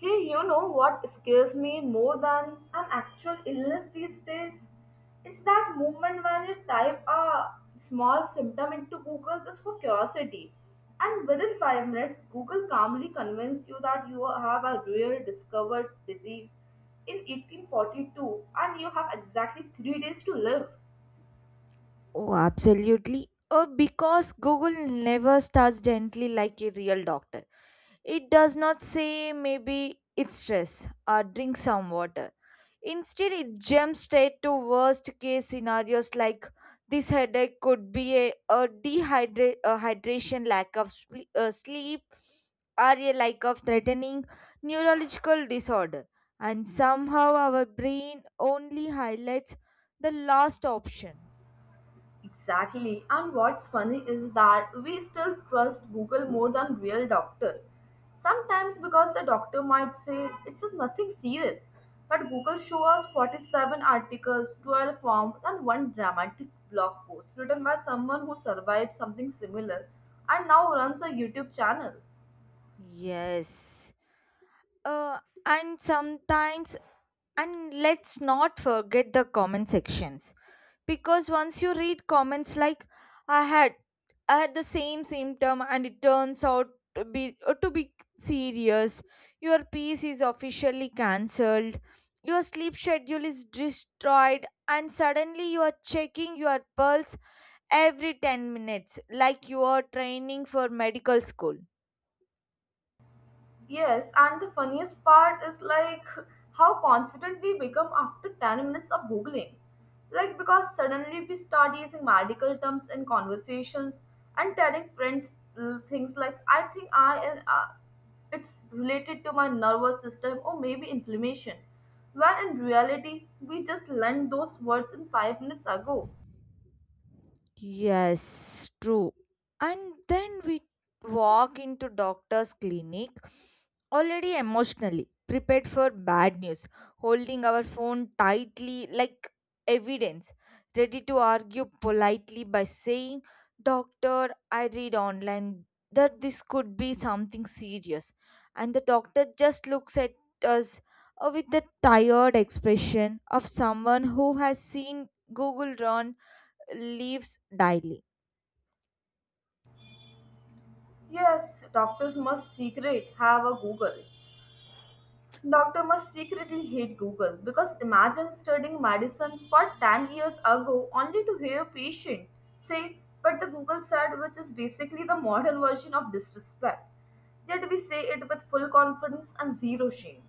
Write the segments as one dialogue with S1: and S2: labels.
S1: Hey, you know what scares me more than an actual illness these days? It's that moment when you type a small symptom into Google just for curiosity. And within 5 minutes, Google calmly convinces you that you have a rare discovered disease in 1842 and you have exactly 3 days to live.
S2: Oh, absolutely. Because Google never starts gently like a real doctor. It does not say maybe it's stress or drink some water. Instead, it jumps straight to worst case scenarios like this headache could be a hydration, lack of sleep, or a lack of threatening neurological disorder. And somehow, our brain only highlights the last option.
S1: Exactly. And what's funny is that we still trust Google more than real doctor. Sometimes because the doctor might say it's just nothing serious, but Google show us 47 articles, 12 forms and one dramatic blog post written by someone who survived something similar and now runs a YouTube channel.
S2: Yes. Uh, and sometimes, and let's not forget the comment sections because once you read comments like I had, I had the same symptom, and it turns out to be serious. Your piece is officially cancelled. Your sleep schedule is destroyed, and suddenly you are checking your pulse every 10 minutes, like you are training for medical school.
S1: Yes, and the funniest part is like how confident we become after 10 minutes of Googling. Like, because suddenly we start using medical terms in conversations and telling friends things like, I think it's related to my nervous system or maybe inflammation. When in reality, we just learned those words in 5 minutes ago.
S2: Yes, true. And then we walk into doctor's clinic already emotionally prepared for bad news, holding our phone tightly like evidence, ready to argue politely by saying, "Doctor, I read online that this could be something serious." And the doctor just looks at us with the tired expression of someone who has seen Google run leaves daily.
S1: Yes, doctors must secret have a Google. Doctor must secretly hate Google because imagine studying medicine for 10 years ago only to hear patient say, but the Google said, which is basically the modern version of disrespect. Yet we say it with full confidence and zero shame.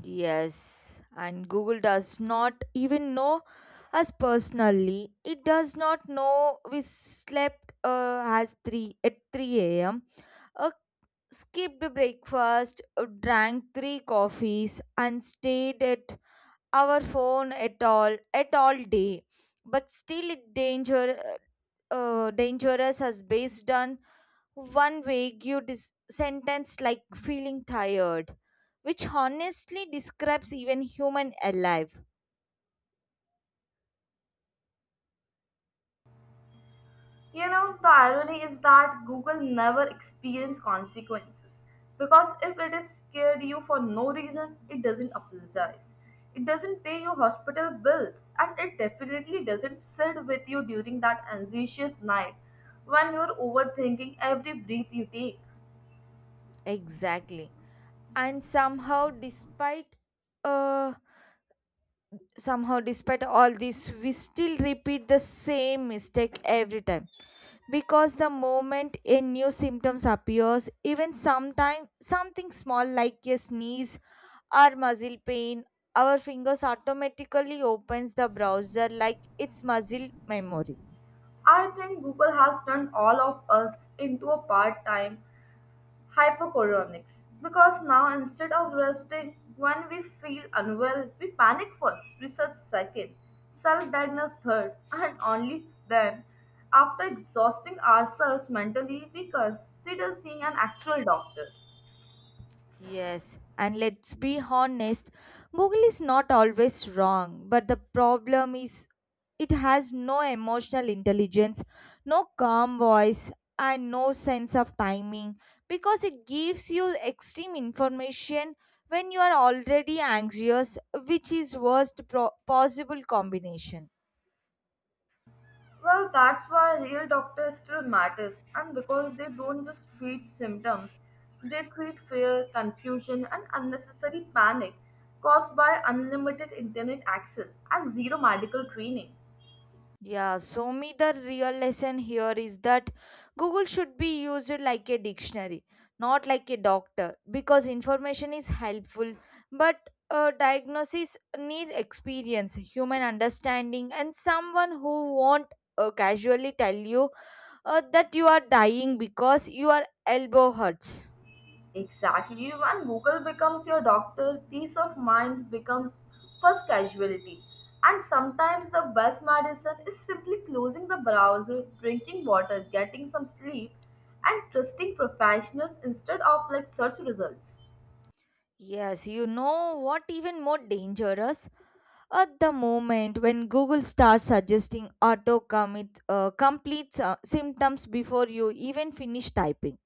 S2: Yes, and Google does not even know us personally. It does not know we slept uh, as 3 at 3 a.m. Uh, Skipped breakfast, drank 3 coffees and stayed at our phone at all day. But still it dangerous as based on one vague sentence like feeling tired, which honestly describes even human alive.
S1: You know, the irony is that Google never experience consequences because if it is scared you for no reason, it doesn't apologize. It doesn't pay your hospital bills and it definitely doesn't sit with you during that anxious night when you're overthinking every breath you take.
S2: Exactly. And uh, somehow despite all this, we still repeat the same mistake every time because the moment a new symptoms appears even sometimes something small like a sneeze or muscle pain our fingers automatically opens the browser like it's muscle memory.
S1: I think Google has turned all of us into a part-time hypochondriacs because now instead of resting when we feel unwell we panic first research second self-diagnose third and only then after exhausting ourselves mentally we consider seeing an actual doctor.
S2: Yes, and let's be honest, Google is not always wrong, but the problem is it has no emotional intelligence, no calm voice, and no sense of timing because it gives you extreme information when you are already anxious, which is possible combination.
S1: Well, that's why real doctors still matters and because they don't just treat symptoms, they treat fear, confusion and unnecessary panic caused by unlimited internet access and zero medical training.
S2: Yeah, so me the real lesson here is that Google should be used like a dictionary, not like a doctor, because information is helpful, but diagnosis need experience, human understanding, and someone who won't casually tell you that you are dying because your elbow hurts.
S1: Exactly. When Google becomes your doctor, peace of mind becomes first casualty. And sometimes the best medicine is simply closing the browser, drinking water, getting some sleep, and trusting professionals instead of like search results.
S2: Yes, you know what even more dangerous? At the moment when Google starts suggesting auto complete symptoms before you even finish typing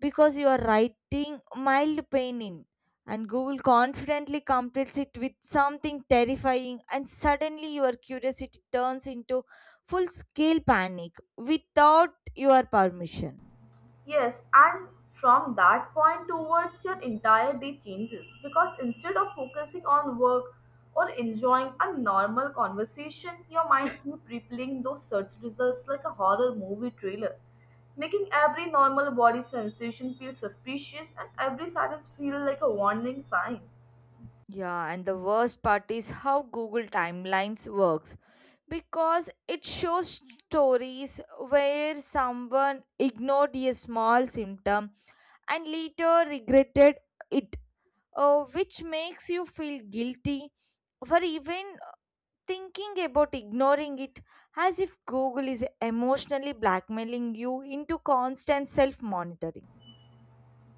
S2: because you are writing mild pain in and Google confidently completes it with something terrifying and suddenly your curiosity turns into full scale panic without your permission.
S1: Yes, and from that point towards, your entire day changes because instead of focusing on work or enjoying a normal conversation, your mind keep replaying those search results like a horror movie trailer, making every normal body sensation feel suspicious and every silence feel like a warning sign.
S2: Yeah, and the worst part is how Google Timelines works because it shows stories where someone ignored a small symptom and later regretted it, which makes you feel guilty for even thinking about ignoring it, as if Google is emotionally blackmailing you into constant self monitoring.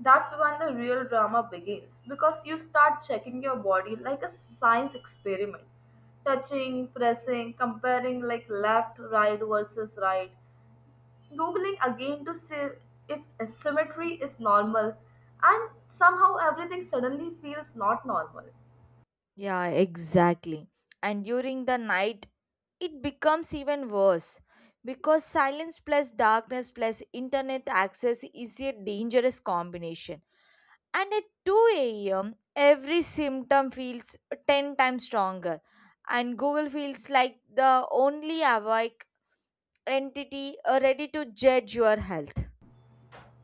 S1: That's when the real drama begins because you start checking your body like a science experiment. Touching, pressing, comparing like left, right versus right, googling again to see if asymmetry is normal, and somehow everything suddenly feels not normal.
S2: Yeah, exactly. And during the night, it becomes even worse because silence plus darkness plus internet access is a dangerous combination. And at 2 a.m., every symptom feels 10 times stronger, and Google feels like the only awake entity ready to judge your health.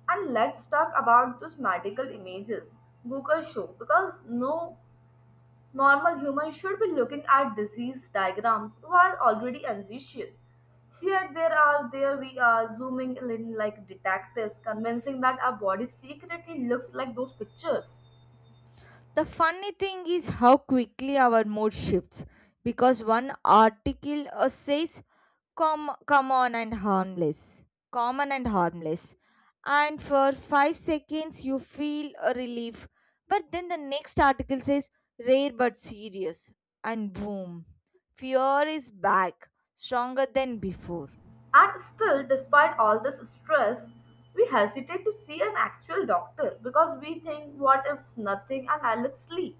S1: And let's talk about those medical images Google show because no normal humans should be looking at disease diagrams while already anxious. Yet there we are zooming in like detectives, convincing that our body secretly looks like those pictures.
S2: The funny thing is how quickly our mood shifts because one article says common and harmless, common and harmless, and for 5 seconds you feel a relief, but then the next article says rare but serious, and boom, fear is back stronger than before.
S1: And still, despite all this stress, we hesitate to see an actual doctor because we think, what if it's nothing and I look sleep?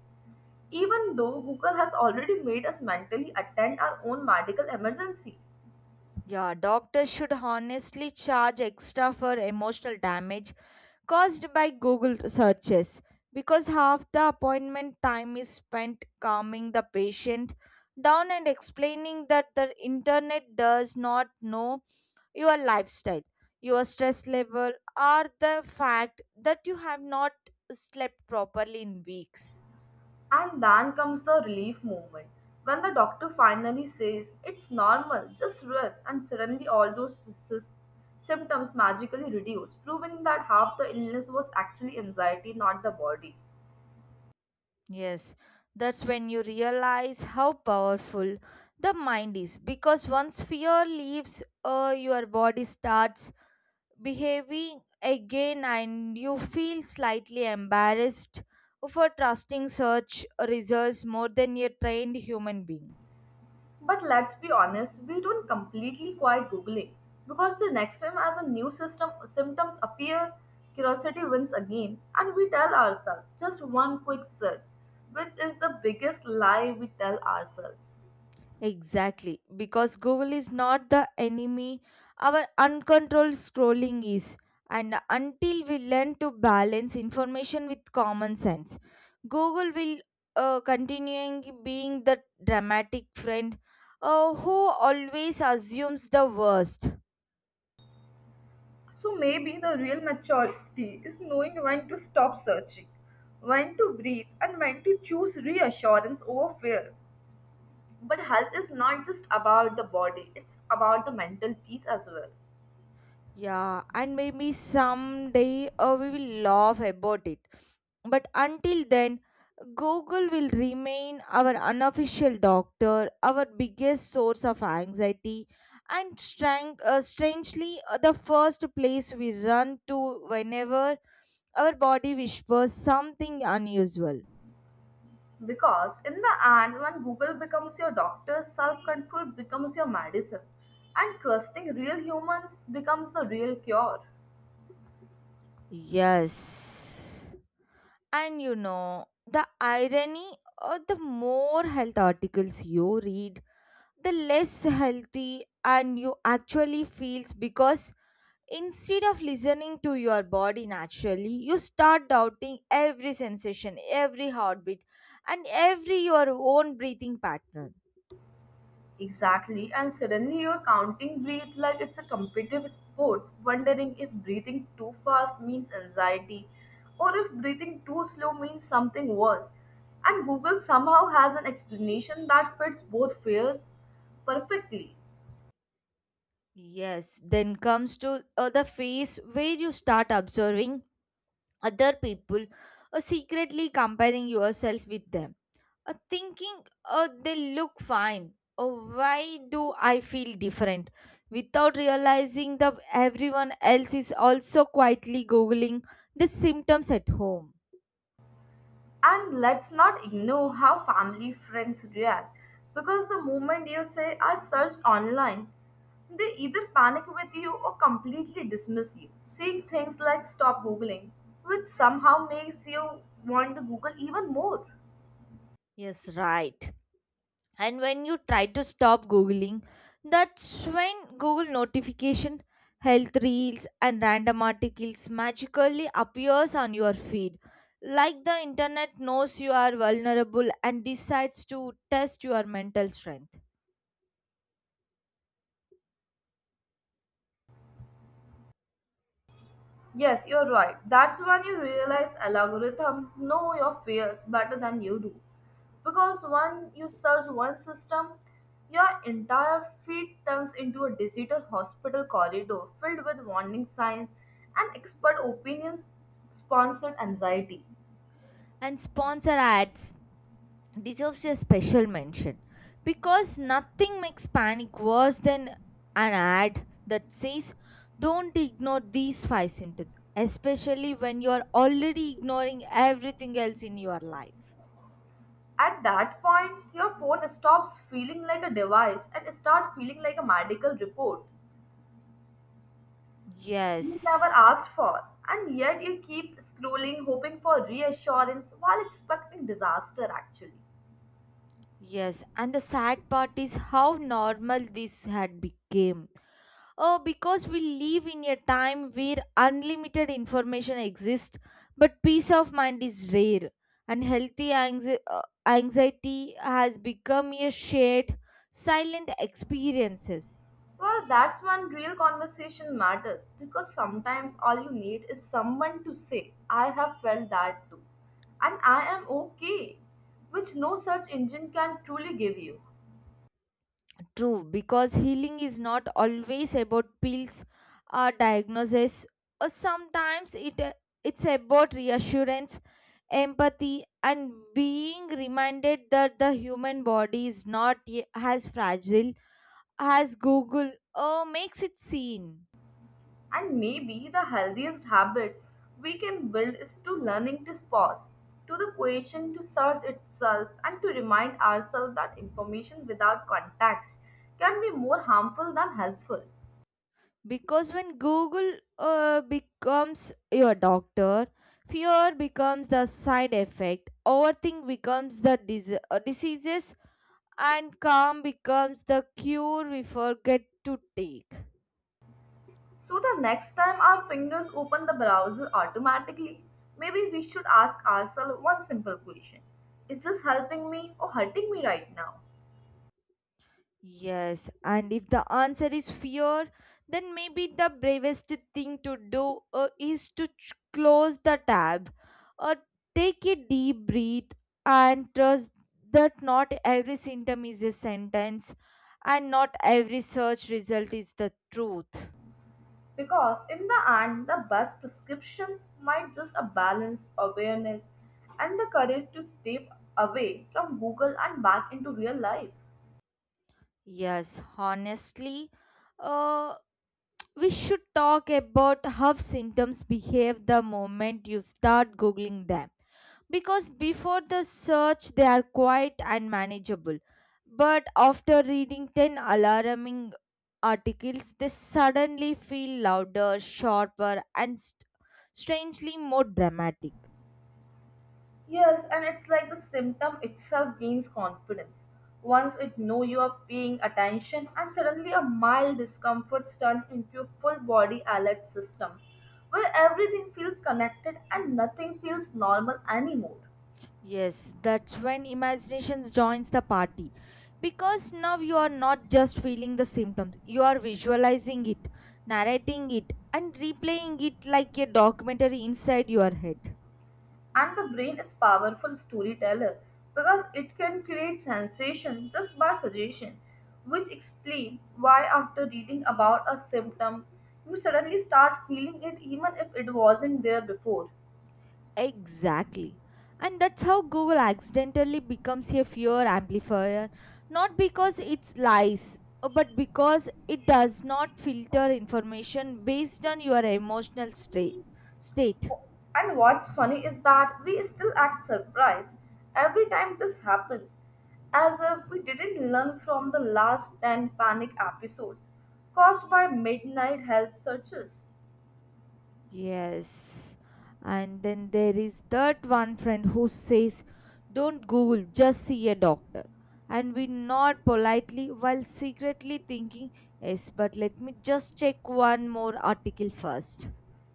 S1: Even though Google has already made us mentally attend our own medical emergency.
S2: Yeah, doctors should honestly charge extra for emotional damage caused by Google searches because half the appointment time is spent calming the patient down and explaining that the internet does not know your lifestyle, your stress level, or the fact that you have not slept properly in weeks.
S1: And then comes the relief movement. When the doctor finally says, it's normal, just rest, and suddenly all those symptoms magically reduce, proving that half the illness was actually anxiety, not the body.
S2: Yes, that's when you realize how powerful the mind is because once fear leaves, your body starts behaving again and you feel slightly embarrassed for trusting such results more than a trained human being.
S1: But let's be honest, we don't completely quite Googling because the next time as a new system symptoms appear, curiosity wins again, and we tell ourselves just one quick search, which is the biggest lie we tell ourselves.
S2: Exactly, because Google is not the enemy, our uncontrolled scrolling is. And until we learn to balance information with common sense, Google will continuing being the dramatic friend who always assumes the worst.
S1: So maybe the real maturity is knowing when to stop searching, when to breathe, and when to choose reassurance over fear. But health is not just about the body, it's about the mental peace as well.
S2: Yeah, and maybe someday we will laugh about it. But until then, Google will remain our unofficial doctor, our biggest source of anxiety, and strangely, the first place we run to whenever our body whispers something unusual.
S1: Because in the end, when Google becomes your doctor, self control becomes your medicine, and trusting real humans becomes the real cure.
S2: Yes. And you know, the irony or the more health articles you read, the less healthy and you actually feels because instead of listening to your body naturally you start doubting every sensation, every heartbeat, and every your own breathing pattern.
S1: Exactly, and suddenly you're counting breath like it's a competitive sport, wondering if breathing too fast means anxiety or if breathing too slow means something worse. And Google somehow has an explanation that fits both fears perfectly.
S2: Yes, then comes to the phase where you start observing other people or secretly comparing yourself with them, thinking, oh they look fine, oh why do I feel different, without realizing that everyone else is also quietly googling the symptoms at home.
S1: And let's not ignore how family friends react, because the moment you say, I searched online, they either panic with you or completely dismiss you, saying things like stop googling, which somehow makes you want to Google even more.
S2: Yes, right. And when you try to stop googling, that's when google notification, health reels, and random articles magically appears on your feed like the internet knows you are vulnerable and decides to test your mental strength.
S1: Yes, you're right. That's when you realize algorithm know your fears better than you do. Because when you search one system, your entire feed turns into a digital hospital corridor filled with warning signs and expert opinions, sponsored anxiety.
S2: And sponsor ads deserves a special mention because nothing makes panic worse than an ad that says don't ignore these five symptoms, especially when you're already ignoring everything else in your life.
S1: At that point, your phone stops feeling like a device and start feeling like a medical report you never
S2: Yes.
S1: asked for. And yet you keep scrolling, hoping for reassurance while expecting disaster, actually.
S2: Yes, and the sad part is how normal this had become. Because we live in a time where unlimited information exists, but peace of mind is rare, and healthy anxiety has become a shared, silent experiences.
S1: Well, that's when real conversation matters because sometimes all you need is someone to say, I have felt that too, and I am okay, which no search engine can truly give you.
S2: True, because healing is not always about pills or diagnosis. Or sometimes it's about reassurance, empathy, and being reminded that the human body is not as fragile has Google makes it seen.
S1: And maybe the healthiest habit we can build is to learning to pause, to the question to search itself, and to remind ourselves that information without context can be more harmful than helpful.
S2: Because when Google becomes your doctor, fear becomes the side effect, overthink becomes the diseases, and calm becomes the cure we forget to take.
S1: So the next time our fingers open the browser automatically, maybe we should ask ourselves one simple question. Is this helping me or hurting me right now?
S2: Yes, and if the answer is fear, then maybe the bravest thing to do is to close the tab, or take a deep breath and trust that not every symptom is a sentence and not every search result is the truth.
S1: Because in the end, the best prescriptions might just a balance, awareness, and the courage to step away from Google and back into real life.
S2: Yes, honestly, uh, we should talk about how symptoms behave the moment you start googling them. Because before the search, they are quite unmanageable. But after reading 10 alarming articles, they suddenly feel louder, sharper, and strangely more dramatic.
S1: Yes, and it's like the symptom itself gains confidence. Once it know you are paying attention and suddenly a mild discomfort turns into a full body alert systems where everything feels connected and nothing feels normal anymore.
S2: Yes, that's when imaginations joins the party. Because now you are not just feeling the symptoms, you are visualizing it, narrating it, and replaying it like a documentary inside your head.
S1: And the brain is powerful storyteller because it can create sensation just by suggestion, which explain why after reading about a symptom, you suddenly start feeling it even if it wasn't there before.
S2: Exactly. And that's how Google accidentally becomes a fear amplifier, not because it's lies, but because it does not filter information based on your emotional state.
S1: And what's funny is that we still act surprised every time this happens, as if we didn't learn from the last 10 panic episodes caused by midnight health searches.
S2: Yes. And then there is that one friend who says, don't Google, just see a doctor. And we nod politely while secretly thinking, yes, but let me just check one more article first.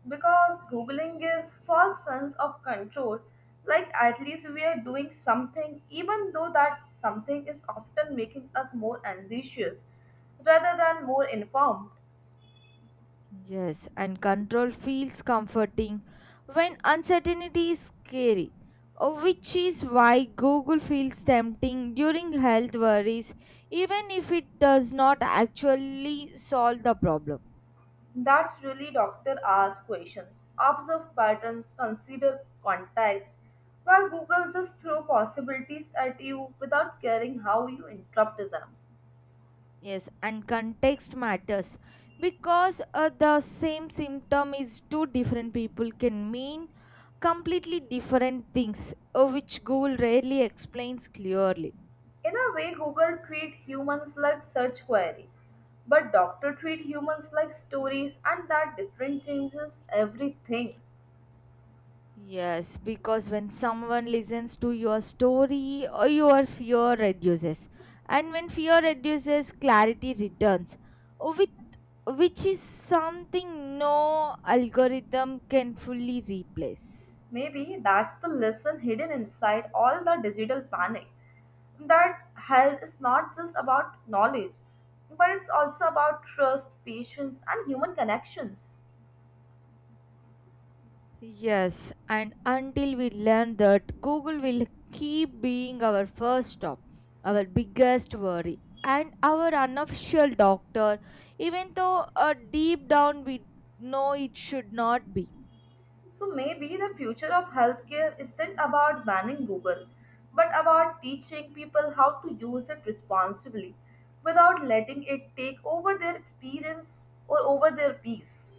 S1: Because googling gives false sense of control, like at least we are doing something, even though that something is often making us more anxious rather than more informed.
S2: Yes, and control feels comforting when uncertainty is scary, which is why Google feels tempting during health worries, even if it does not actually solve the problem.
S1: That's really doctor ask questions, observe patterns, consider context, while google just throw possibilities at you without caring how you interrupt them.
S2: Yes, and context matters because the same symptom is two different people can mean completely different things, which Google rarely explains clearly.
S1: In a way, Google treat humans like search queries, but doctor treat humans like stories, and that difference changes everything.
S2: Yes, because when someone listens to your story, your fear reduces, and when fear reduces, clarity returns, with which is something no algorithm can fully replace.
S1: Maybe that's the lesson hidden inside all the digital panic. That health is not just about knowledge, but it's also about trust, patience, and human connections.
S2: Yes, and until we learn that, Google will keep being our first stop, our biggest worry, and our unofficial doctor, even though deep down we know it should not be.
S1: So maybe the future of healthcare isn't about banning Google, but about teaching people how to use it responsibly without letting it take over their experience or over their peace.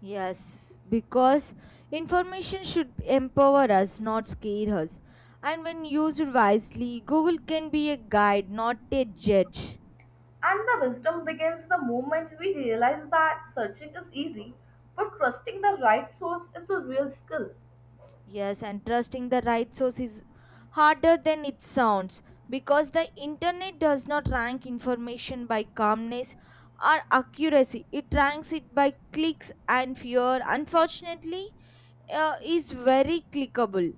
S2: Yes, because information should empower us, not scare us. And when used wisely, Google can be a guide, not a judge.
S1: And the wisdom begins the moment we realize that searching is easy, but trusting the right source is the real skill.
S2: Yes, and trusting the right source is harder than it sounds because the internet does not rank information by calmness or accuracy. It ranks it by clicks and fear. Unfortunately, is very clickable.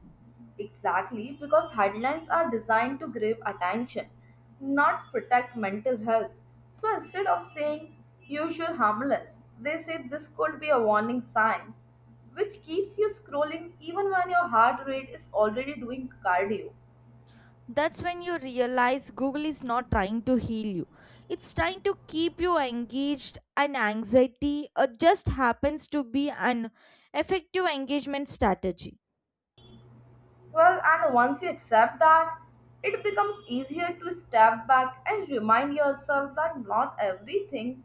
S1: Exactly, because headlines are designed to grab attention, not protect mental health. So instead of saying usual harmless, they say this could be a warning sign, which keeps you scrolling even when your heart rate is already doing cardio.
S2: That's when you realize Google is not trying to heal you. It's trying to keep you engaged and anxiety just happens to be an effective engagement strategy.
S1: Well, and once you accept that, it becomes easier to step back and remind yourself that not everything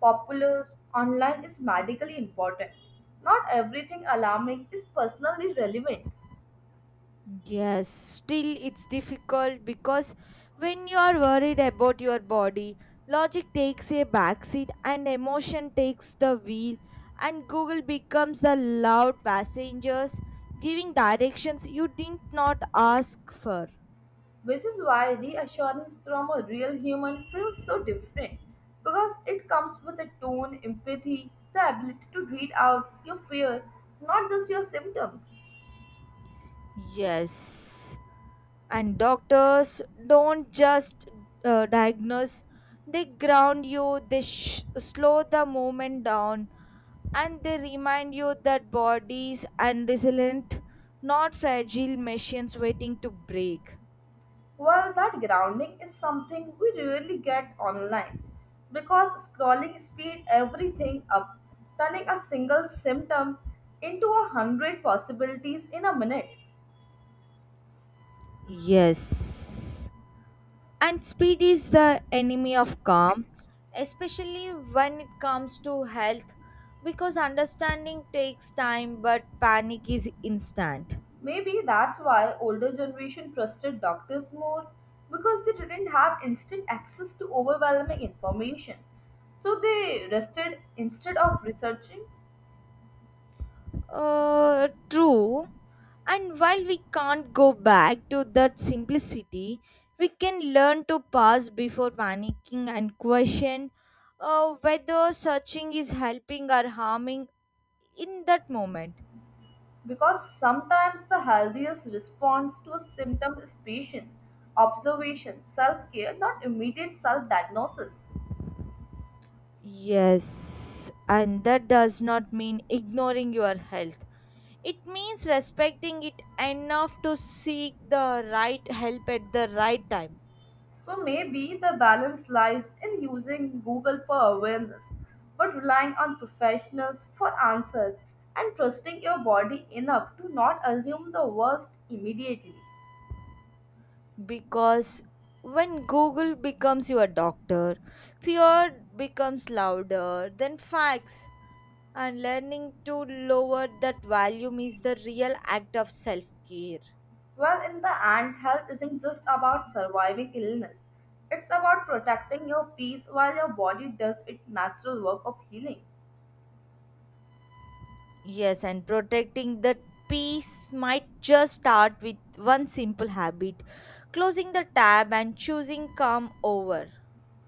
S1: popular online is medically important. Not everything alarming is personally relevant,
S2: Yes, still it's difficult because when you are worried about your body, logic takes a backseat and emotion takes the wheel, and Google becomes the loud passengers giving directions you did not ask for.
S1: which is why reassurance from a real human feels so different, because it comes with a tone, empathy, the ability to read out your fear, not just your symptoms.
S2: Yes, and doctors don't just diagnose, they ground you, they slow the movement down and they remind you that bodies and resilient, not fragile machines waiting to break.
S1: Well, that grounding is something we rarely get online because scrolling speed everything up, turning a single symptom into a hundred possibilities in a minute.
S2: Yes. And speed is the enemy of calm, especially when it comes to health, because understanding takes time but panic is instant.
S1: Maybe that's why older generation trusted doctors more because they didn't have instant access to overwhelming information. So they rested instead of researching,
S2: True. And while we can't go back to that simplicity, we can learn to pause before panicking and question whether searching is helping or harming in that moment.
S1: because sometimes the healthiest response to a symptom is patience, observation, self-care, not immediate self-diagnosis.
S2: Yes, and that does not mean ignoring your health. It means respecting it enough to seek the right help at the right time.
S1: So maybe the balance lies in using Google for awareness, but relying on professionals for answers and trusting your body enough to not assume the worst immediately.
S2: Because when Google becomes your doctor, fear becomes louder than facts, and learning to lower that volume is the real act of self care.
S1: Well, in the end, health isn't just about surviving illness. It's about protecting your peace while your body does its natural work of healing.
S2: Yes, and protecting that peace might just start with one simple habit, closing the tab and choosing calm over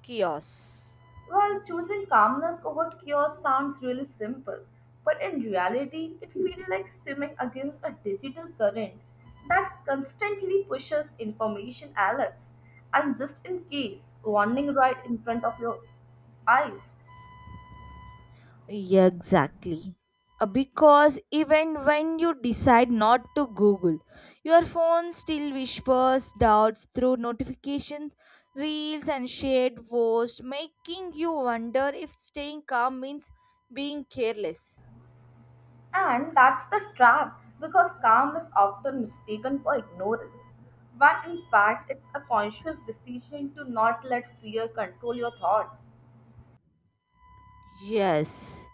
S2: chaos.
S1: Well, choosing calmness over chaos sounds really simple, but in reality, it feels like swimming against a digital current that constantly pushes information alerts and just in case warning right in front of your eyes.
S2: Yeah, exactly. Because even when you decide not to Google, your phone still whispers doubts through notifications, reels, and shared posts, making you wonder if staying calm means being careless.
S1: And that's the trap because calm is often mistaken for ignorance, when in fact, it's a conscious decision to not let fear control your thoughts.
S2: Yes.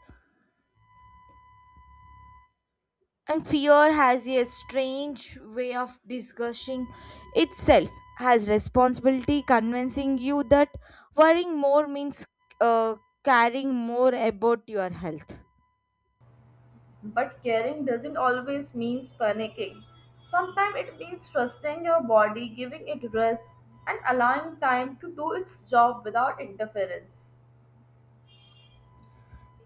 S2: And fear has a strange way of discussing itself, has responsibility convincing you that worrying more means uh, caring more about your health.
S1: But caring doesn't always mean panicking. Sometimes it means trusting your body, giving it rest, and allowing time to do its job without interference.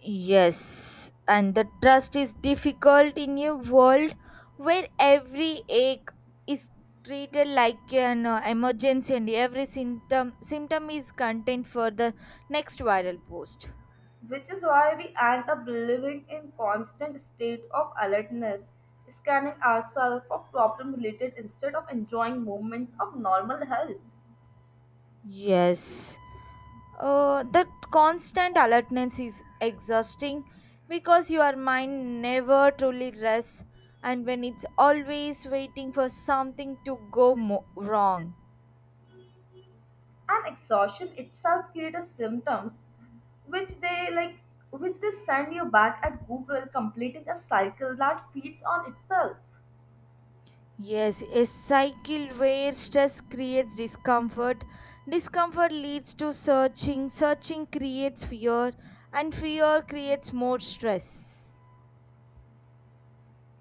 S2: Yes, and the trust is difficult in a world where every ache is treated like an emergency and every symptom is content for the next viral post.
S1: Which is why we end up living in constant state of alertness, scanning ourselves for problem related instead of enjoying moments of normal health.
S2: Yes, the constant alertness is exhausting because your mind never truly rests, and when it's always waiting for something to go wrong.
S1: And exhaustion itself creates symptoms which they like, which they send you back at google, completing a cycle that feeds on itself.
S2: Yes, a cycle where stress creates discomfort. Discomfort leads to searching. Searching creates fear, and fear creates more stress.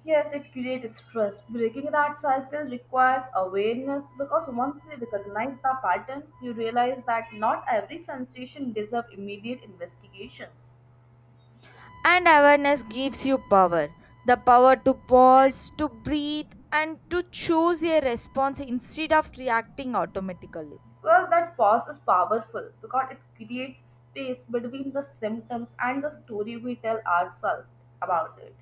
S1: Yes, it creates stress. Breaking that cycle requires awareness, because once you recognize the pattern you realize that not every sensation deserves immediate investigations.
S2: And awareness gives you power, the power to pause, to breathe, and to choose a response instead of reacting automatically.
S1: Well, that pause is powerful because it creates space between the symptoms and the story we tell ourselves about it.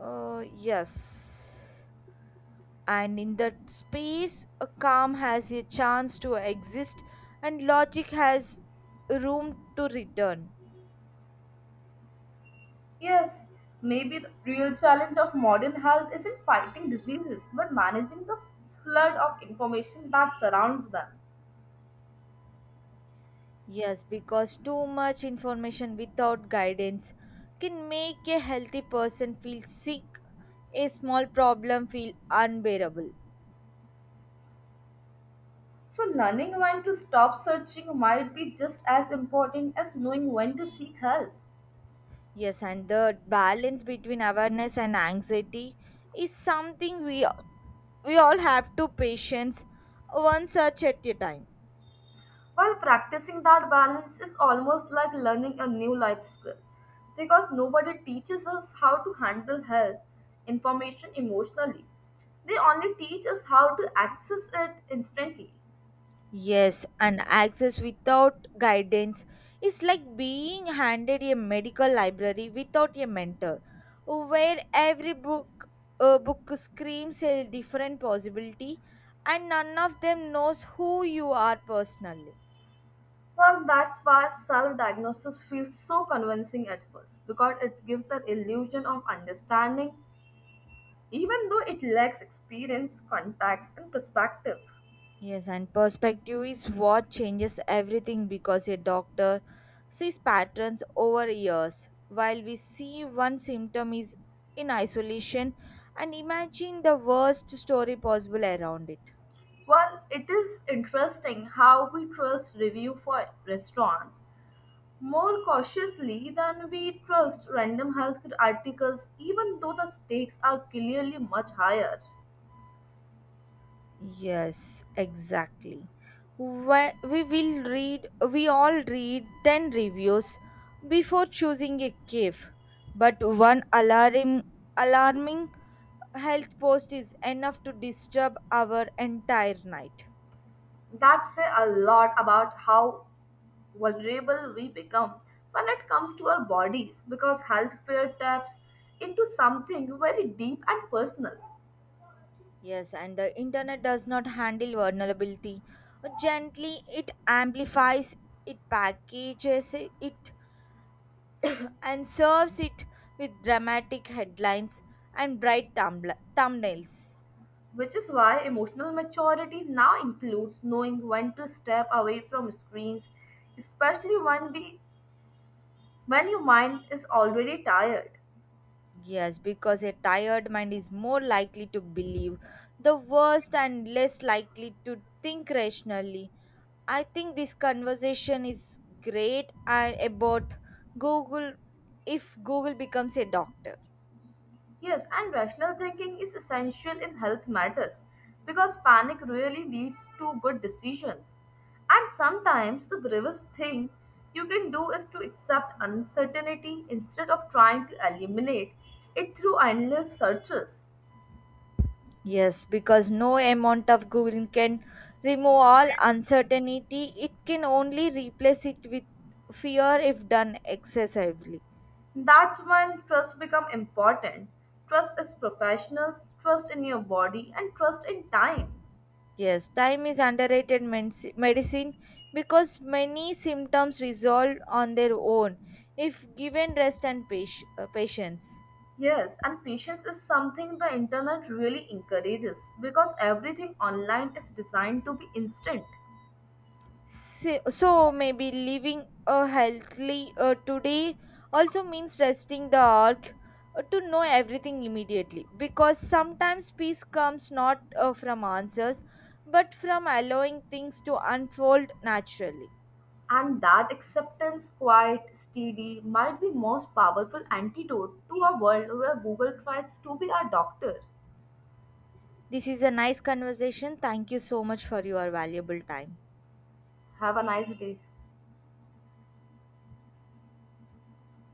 S2: Yes. And in that space a calm has a chance to exist and logic has room to return.
S1: Yes, maybe the real challenge of modern health isn't fighting diseases, but managing the flood of information that surrounds them.
S2: Yes, because too much information without guidance can make a healthy person feel sick, a small problem feel unbearable.
S1: So, learning when to stop searching might be just as important as knowing when to seek help.
S2: Yes, and the balance between awareness and anxiety is something we all have to patience one search at a time.
S1: While practicing that balance is almost like learning a new life skill because nobody teaches us how to handle health information emotionally. They only teach us how to access it instantly.
S2: Yes, and access without guidance is like being handed a medical library without a mentor, where every book screams a different possibility, and none of them knows who you are personally.
S1: Well, that's why self diagnosis feels so convincing at first because it gives an illusion of understanding, even though it lacks experience, context, and perspective.
S2: Yes, and perspective is what changes everything because a doctor sees patterns over years. While we see one symptom is in isolation and imagine the worst story possible around it.
S1: Well, it is interesting how we trust review for restaurants more cautiously than we trust random health articles, even though the stakes are clearly much higher.
S2: Yes, exactly. We all read 10 reviews before choosing a cave. But one alarming health post is enough to disturb our entire night.
S1: That say a lot about how vulnerable we become when it comes to our bodies, because health fear taps into something very deep and personal,
S2: Yes, and the internet does not handle vulnerability. Gently, it amplifies, it packages it, and serves it with dramatic headlines and bright thumbnails.
S1: which is why emotional maturity now includes knowing when to step away from screens, especially when your mind is already tired.
S2: Yes, because a tired mind is more likely to believe the worst and less likely to think rationally. I think this conversation is great and about Google, if Google becomes a doctor.
S1: Yes, and rational thinking is essential in health matters because panic really leads to good decisions. And sometimes the bravest thing you can do is to accept uncertainty instead of trying to eliminate it through endless searches.
S2: Yes, because no amount of Googling can remove all uncertainty. It can only replace it with fear if done excessively.
S1: That's when trust become important. Trust is professionals, trust in your body, and trust in time.
S2: Yes, time is underrated medicine because many symptoms resolve on their own if given rest and patience.
S1: Yes, and patience is something the internet really encourages because everything online is designed to be instant.
S2: So maybe living a healthily today also means resting the arc to know everything immediately because sometimes peace comes not from answers but from allowing things to unfold naturally.
S1: And that acceptance, quiet, steady, might be most powerful antidote to a world where Google tries to be our doctor.
S2: This is a nice conversation. Thank you so much for your valuable time.
S1: Have a nice day.